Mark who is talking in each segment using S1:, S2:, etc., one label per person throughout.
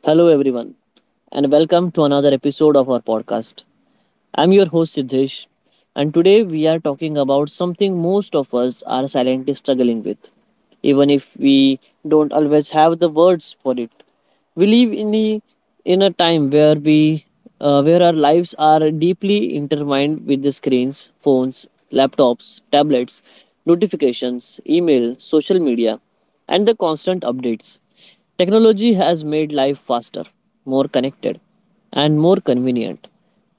S1: Hello, everyone, and welcome to another episode of our podcast. I'm your host, Siddhesh, and today we are talking about something most of us are silently struggling with, even if we don't always have the words for it. We live in, the, in a time where, we, where our lives are deeply intertwined with the screens, phones, laptops, tablets, notifications, email, social media, and the constant updates. Technology has made life faster, more connected, and more convenient.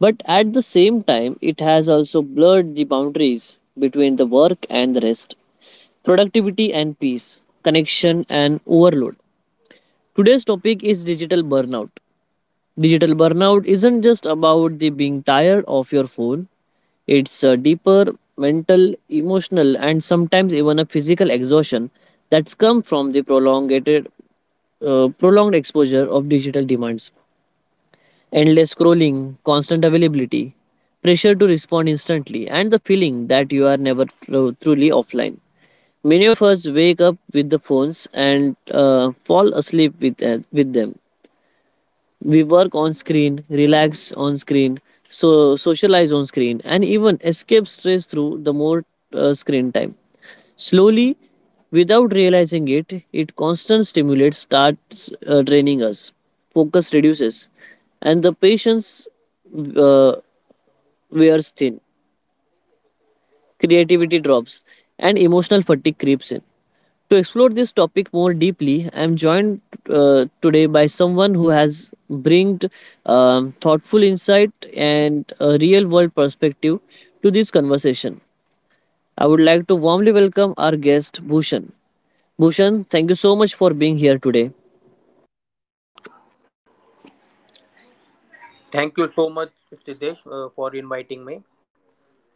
S1: But at the same time, it has also blurred the boundaries between the work and the rest, productivity and peace, connection and overload. Today's topic is digital burnout. Digital burnout isn't just about the being tired of your phone. It's a deeper mental, emotional, and sometimes even a physical exhaustion that's come from the prolonged exposure of digital demands. Endless scrolling, constant availability, pressure to respond instantly, and the feeling that you are never truly offline. Many of us wake up with the phones and fall asleep with them. We work on screen, relax on screen, so socialize on screen, and even escape stress through the more screen time. Slowly, without realizing it, it constant stimulate starts draining us. Focus reduces, and the patience uh, wears thin. Creativity drops, and emotional fatigue creeps in. To explore this topic more deeply, I am joined today by someone who has bringed thoughtful insight and a real-world perspective to this conversation. I would like to warmly welcome our guest, Bhushan. Bhushan, thank you so much for being here today.
S2: Thank you so much, Siddhesh, for inviting me.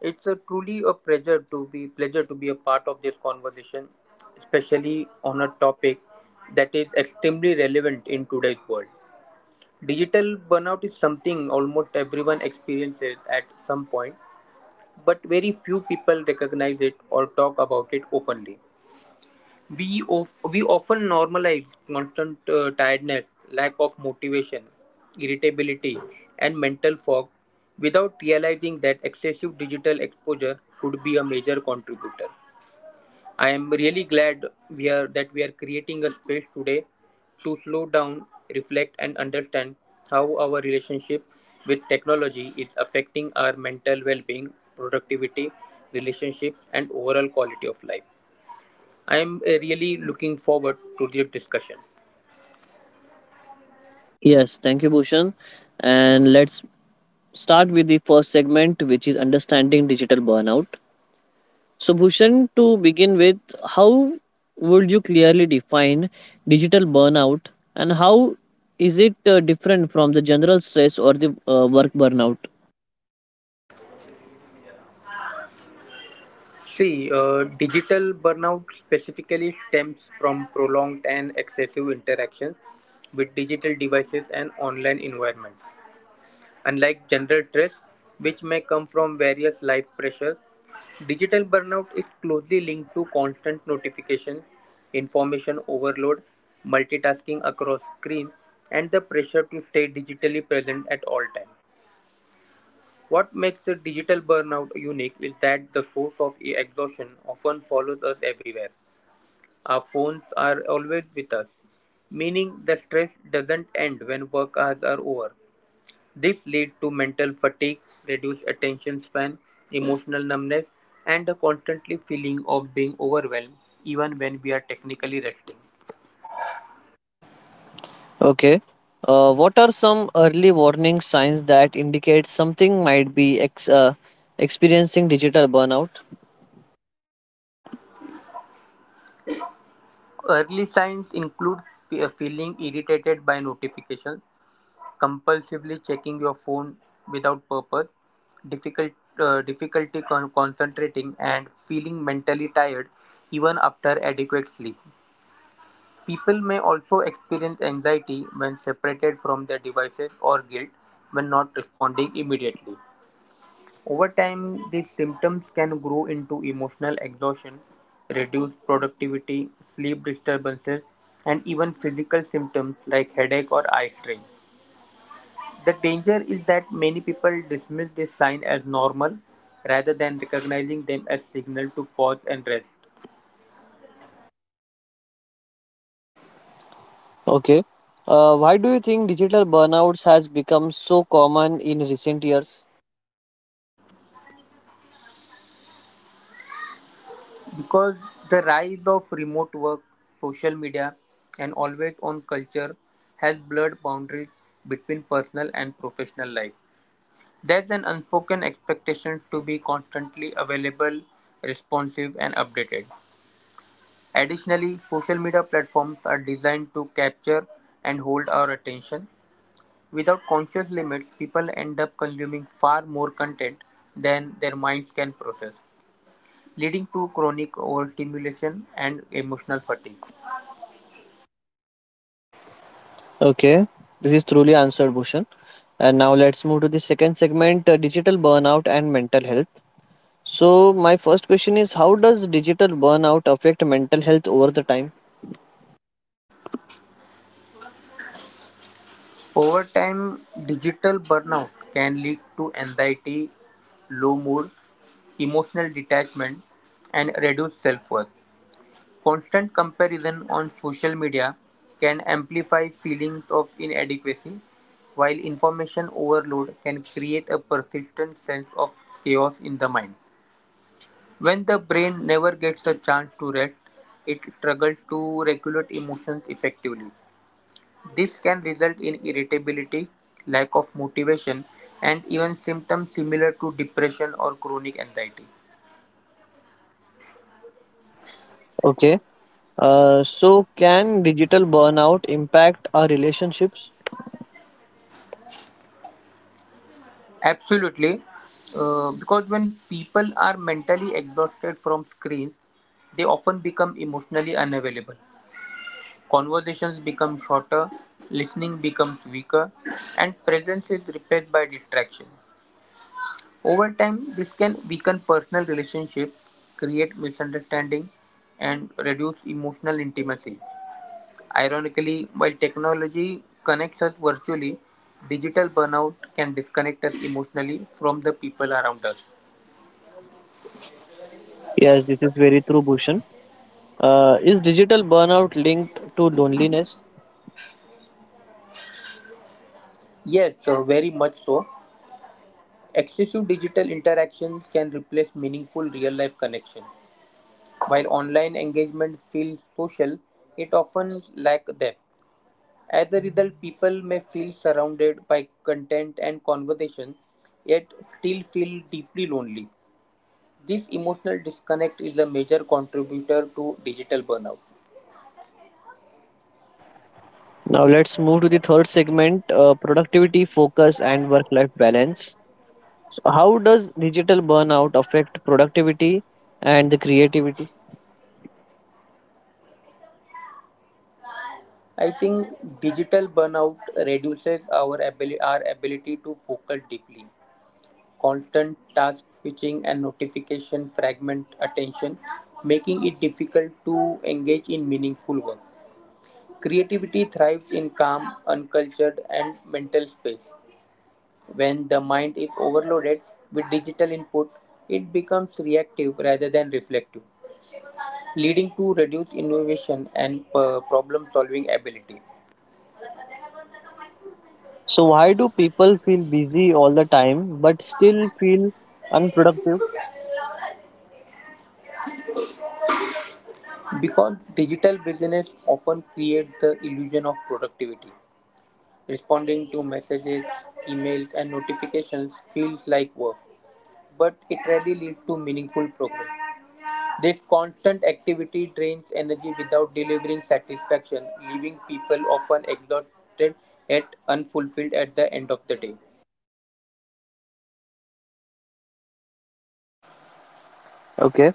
S2: It's a truly a pleasure to be a part of this conversation, especially on a topic that is extremely relevant in today's world. Digital burnout is something almost everyone experiences at some point, but very few people recognize it or talk about it openly. We often normalize constant tiredness, lack of motivation, irritability, and mental fog without realizing that excessive digital exposure could be a major contributor. I am really glad we are that we are creating a space today to slow down, reflect, and understand how our relationship with technology is affecting our mental well-being, productivity, relationships, and overall quality of life. I'm really looking forward to this discussion.
S1: Yes, thank you, Bhushan. And let's start with the first segment, which is understanding digital burnout. So, Bhushan, to begin with, how would you clearly define digital burnout and how is it different from the general stress or the work burnout?
S2: See, digital burnout specifically stems from prolonged and excessive interactions with digital devices and online environments. Unlike general stress, which may come from various life pressures, digital burnout is closely linked to constant notification, information overload, multitasking across screens, and the pressure to stay digitally present at all times. What makes the digital burnout unique is that the source of exhaustion often follows us everywhere. Our phones are always with us, meaning the stress doesn't end when work hours are over. This leads to mental fatigue, reduced attention span, emotional numbness, and a constantly feeling of being overwhelmed even when we are technically resting.
S1: Okay. What are some early warning signs that indicate something might be experiencing digital burnout?
S2: Early signs include feeling irritated by notifications, compulsively checking your phone without purpose, difficult, difficulty concentrating, and feeling mentally tired even after adequate sleep. People may also experience anxiety when separated from their devices or guilt when not responding immediately. Over time, these symptoms can grow into emotional exhaustion, reduced productivity, sleep disturbances, and even physical symptoms like headache or eye strain. The danger is that many people dismiss this sign as normal rather than recognizing them as signal to pause and rest.
S1: Okay. Why do you think digital burnouts has become so common in recent years?
S2: Because the rise of remote work, social media, and always-on culture has blurred boundaries between personal and professional life. There's an unspoken expectation to be constantly available, responsive, and updated. Additionally, social media platforms are designed to capture and hold our attention. Without conscious limits, people end up consuming far more content than their minds can process leading to chronic overstimulation and emotional fatigue.
S1: Okay, this is truly answered, Bhushan. And now let's move to the second segment, digital burnout and mental health. So, my first question is how does digital burnout affect mental health over the time?
S2: Over time, digital burnout can lead to anxiety, low mood, emotional detachment, and reduced self worth. Constant comparison on social media can amplify feelings of inadequacy, while information overload can create a persistent sense of chaos in the mind. When the brain never gets a chance to rest, it struggles to regulate emotions effectively. This can result in irritability, lack of motivation, and even symptoms similar to depression or chronic anxiety.
S1: Okay, so can digital burnout impact our relationships?
S2: Absolutely, because when people are mentally exhausted from screens, they often become emotionally unavailable. Conversations become shorter, listening becomes weaker, and presence is replaced by distraction. Over time, this can weaken personal relationships, create misunderstanding, and reduce emotional intimacy. Ironically, while technology connects us virtually, digital burnout can disconnect us emotionally from the people around us.
S1: Yes, this is very true, Bhushan. Is digital burnout linked to loneliness?
S2: Yes, so very much so. Excessive digital interactions can replace meaningful real life connection. While online engagement feels social, it often lacks depth. As a result, people may feel surrounded by content and conversation, yet still feel deeply lonely. This emotional disconnect is a major contributor to digital burnout.
S1: Now, let's move to the third segment, productivity, focus, and work life balance. So how does digital burnout affect productivity and the creativity?
S2: I think digital burnout reduces our ability to focus deeply. Constant task switching and notification fragment attention, making it difficult to engage in meaningful work. Creativity thrives in calm, uncultured, and mental space. When the mind is overloaded with digital input, it becomes reactive rather than reflective, leading to reduced innovation and problem-solving ability.
S1: So why do people feel busy all the time but still feel unproductive?
S2: Because digital business often creates the illusion of productivity. Responding to messages, emails, and notifications feels like work, but it rarely leads to meaningful progress. This constant activity drains energy without delivering satisfaction, leaving people often exhausted yet unfulfilled at the end of the day.
S1: Okay.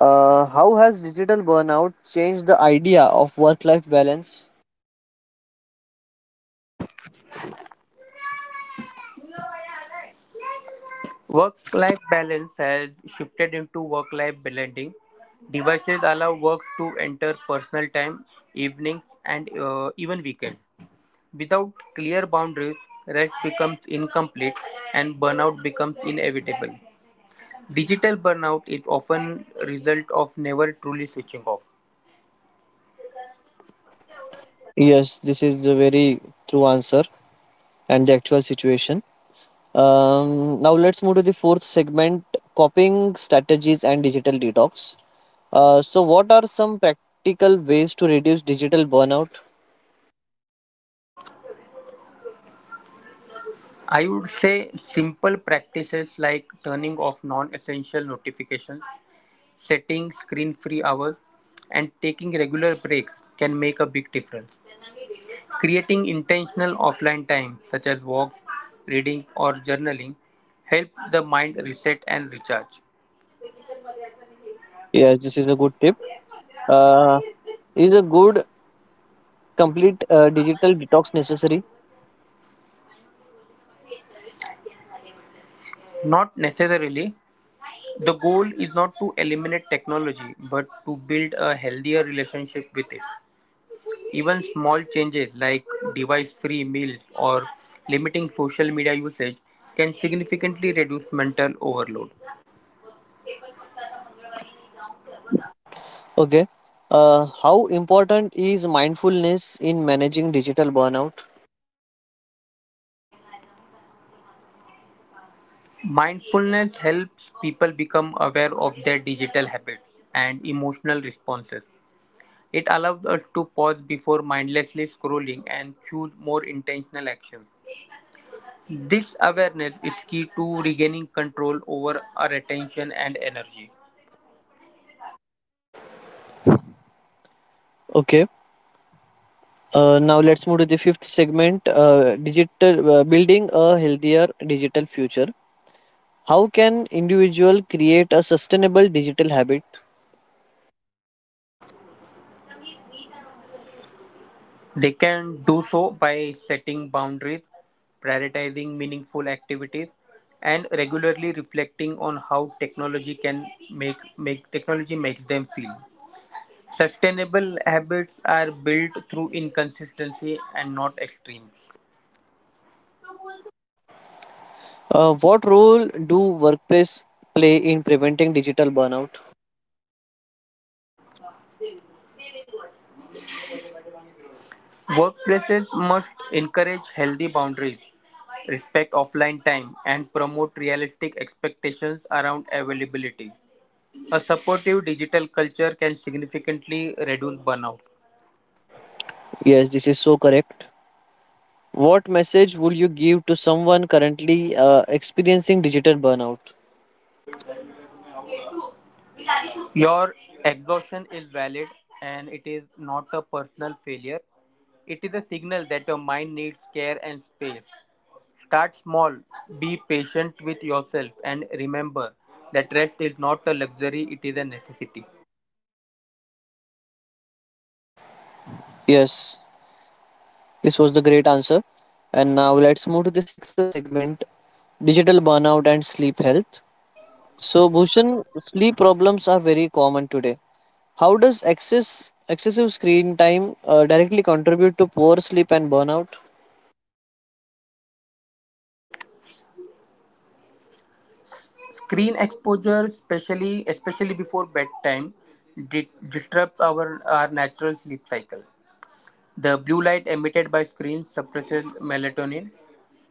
S1: How has digital burnout changed the idea of work-life balance?
S2: Work-life balance has shifted into work-life blending. Devices allow work to enter personal time, evenings, and even weekends. Without clear boundaries, rest becomes incomplete and burnout becomes inevitable. Digital burnout is often result of never truly switching off.
S1: Yes, this is the very true answer and the actual situation. Now let's move to the fourth segment: coping strategies and digital detox. So what are some practical ways to reduce digital burnout?
S2: I would say simple practices like turning off non-essential notifications, setting screen-free hours, and taking regular breaks can make a big difference. Creating intentional offline time, such as walks, reading, or journaling, help the mind reset and recharge.
S1: Yes, this is a good tip. Uh, is a good complete digital detox necessary?
S2: Not necessarily, the goal is not to eliminate technology, but to build a healthier relationship with it. Even small changes like device free meals or limiting social media usage can significantly reduce mental overload.
S1: Okay. How important is mindfulness in managing digital burnout?
S2: Mindfulness helps people become aware of their digital habits and emotional responses. It allows us to pause before mindlessly scrolling and choose more intentional actions. This awareness is key to regaining control over our attention and energy.
S1: Okay. Now let's move to the fifth segment: digital building a healthier digital future. How can individual create a sustainable digital habit?
S2: They can do so by setting boundaries, prioritizing meaningful activities, and regularly reflecting on how technology makes them feel. Sustainable habits are built through inconsistency and not extremes.
S1: What role do workplace play in preventing digital burnout?
S2: Workplaces must encourage healthy boundaries, respect offline time, and promote realistic expectations around availability. A supportive digital culture can significantly reduce burnout.
S1: Yes, this is so correct. What message would you give to someone currently experiencing digital burnout?
S2: Your exhaustion is valid and it is not a personal failure. It is a signal that your mind needs care and space. Start small, be patient with yourself, and remember that rest is not a luxury, it is a necessity.
S1: Yes, this was the great answer. And now let's move to the sixth segment, digital burnout and sleep health. So, Bhushan, sleep problems are very common today. How does excessive screen time directly contribute to poor sleep and burnout?
S2: Screen exposure, especially before bedtime, di- disrupts our natural sleep cycle. The blue light emitted by screens suppresses melatonin,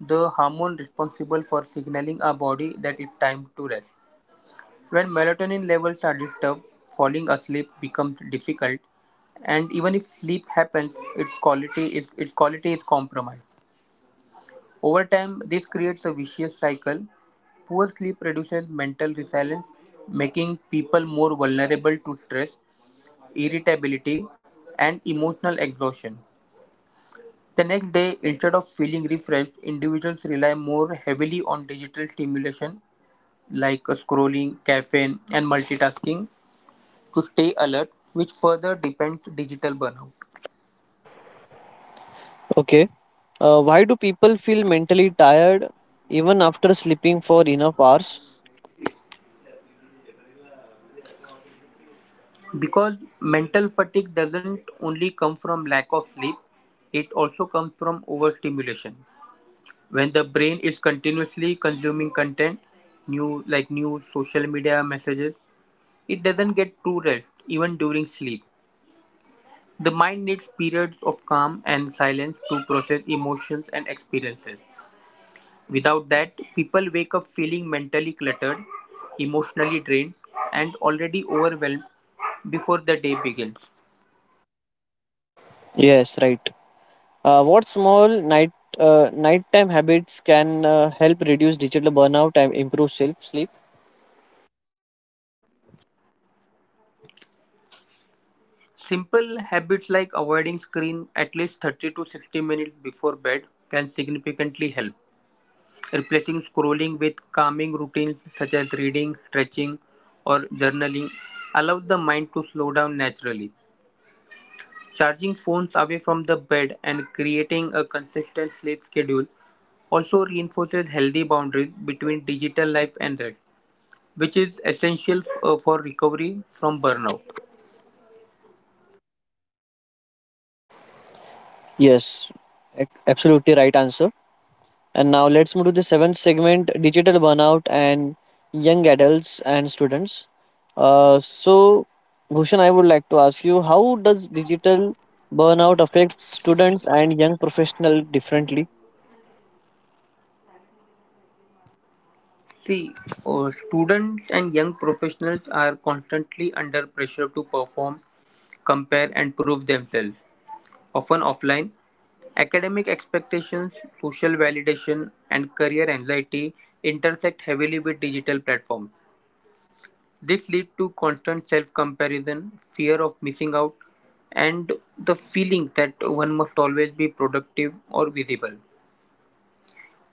S2: the hormone responsible for signaling our body that it's time to rest. When melatonin levels are disturbed, falling asleep becomes difficult, and even if sleep happens, its quality is compromised. Over time, this creates a vicious cycle. Poor sleep reduces mental resilience, making people more vulnerable to stress, irritability, and emotional exhaustion. The next day, instead of feeling refreshed, individuals rely more heavily on digital stimulation like scrolling, caffeine, and multitasking to stay alert, which further depends digital burnout.
S1: Okay. Why do people feel mentally tired even after sleeping for enough hours?
S2: Because mental fatigue doesn't only come from lack of sleep, it also comes from overstimulation. When the brain is continuously consuming content, new social media messages, it doesn't get true rest even during sleep. The mind needs periods of calm and silence to process emotions and experiences. Without that, people wake up feeling mentally cluttered, emotionally drained, and already overwhelmed before the day begins.
S1: Yes, right. What small nighttime habits can help reduce digital burnout and improve self sleep?
S2: Simple habits like avoiding screen at least 30 to 60 minutes before bed can significantly help. Replacing scrolling with calming routines such as reading, stretching, or journaling allows the mind to slow down naturally. Charging phones away from the bed and creating a consistent sleep schedule also reinforces healthy boundaries between digital life and rest, which is essential for recovery from burnout.
S1: Yes, absolutely right answer. And now let's move to the seventh segment: digital burnout and young adults and students. So, Bhushan, I would like to ask you: how does digital burnout affect students and young professional differently?
S2: See, students and young professionals are constantly under pressure to perform, compare, and prove themselves, often offline. Academic expectations, social validation, and career anxiety intersect heavily with digital platforms. This leads to constant self-comparison, fear of missing out, and the feeling that one must always be productive or visible.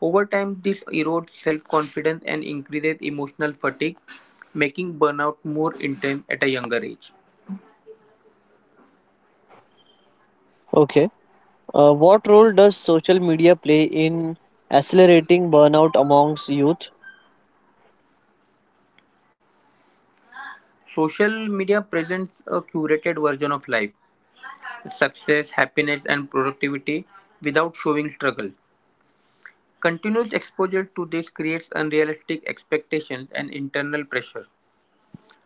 S2: Over time, this erodes self-confidence and increases emotional fatigue, making burnout more intense at a younger age.
S1: Okay. What role does social media play in accelerating burnout amongst youth?
S2: Social media presents a curated version of life, success, happiness, and productivity without showing struggle. Continuous exposure to this creates unrealistic expectations and internal pressure.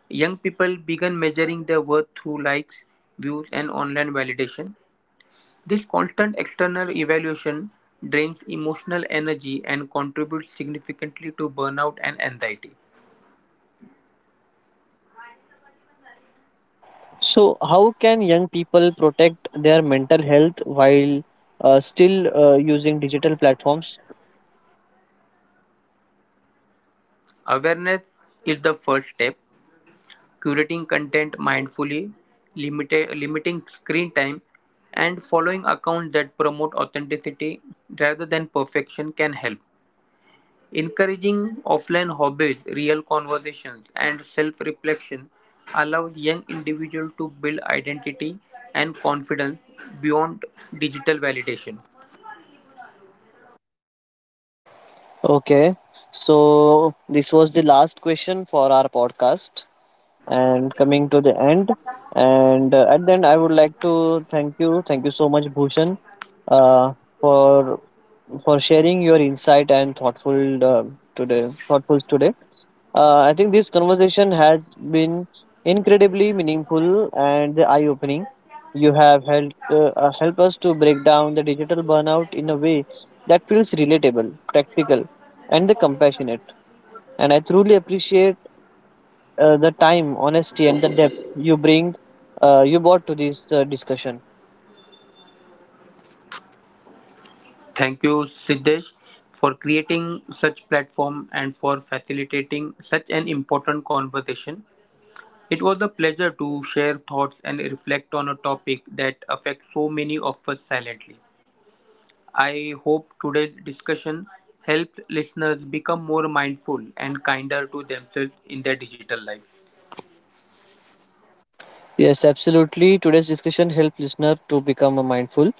S2: Young people began measuring their worth through likes, views, and online validation. This constant external evaluation drains emotional energy and contributes significantly to burnout and anxiety.
S1: So, how can young people protect their mental health while still using digital platforms?
S2: Awareness is the first step. Curating content mindfully, limiting screen time, and following accounts that promote authenticity rather than perfection can help. Encouraging offline hobbies, real conversations, and self-reflection allows young individuals to build identity and confidence beyond digital validation.
S1: Okay, so this was the last question for our podcast, and coming to the end. And at the end, I would like to thank you. Thank you so much, Bhushan, uh, for for sharing your insight and thoughtful today thoughtfuls today. I think this conversation has been incredibly meaningful and eye-opening. You have helped help us to break down the digital burnout in a way that feels relatable, practical, and the compassionate. And I truly appreciate the time, honesty, and the depth you brought to this discussion.
S2: Thank you, Siddesh, for creating such platform and for facilitating such an important conversation. It was a pleasure to share thoughts and reflect on a topic that affects so many of us silently. I hope today's discussion helps listeners become more mindful and kinder to themselves in their digital lives.
S1: Yes, absolutely. Today's discussion helped listener to become a mindful.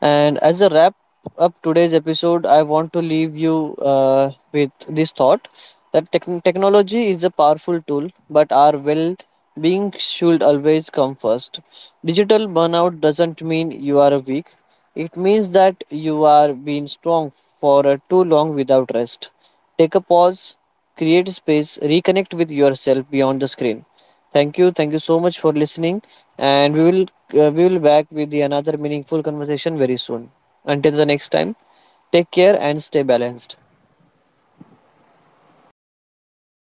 S1: And as a wrap up today's episode, I want to leave you with this thought that technology is a powerful tool, but our well being should always come first. Digital burnout doesn't mean you are weak. It means that you are being strong for too long without rest. Take a pause, create space, reconnect with yourself beyond the screen. Thank you. Thank you so much for listening. And we will back with the another meaningful conversation very soon. Until the next time, take care and stay balanced.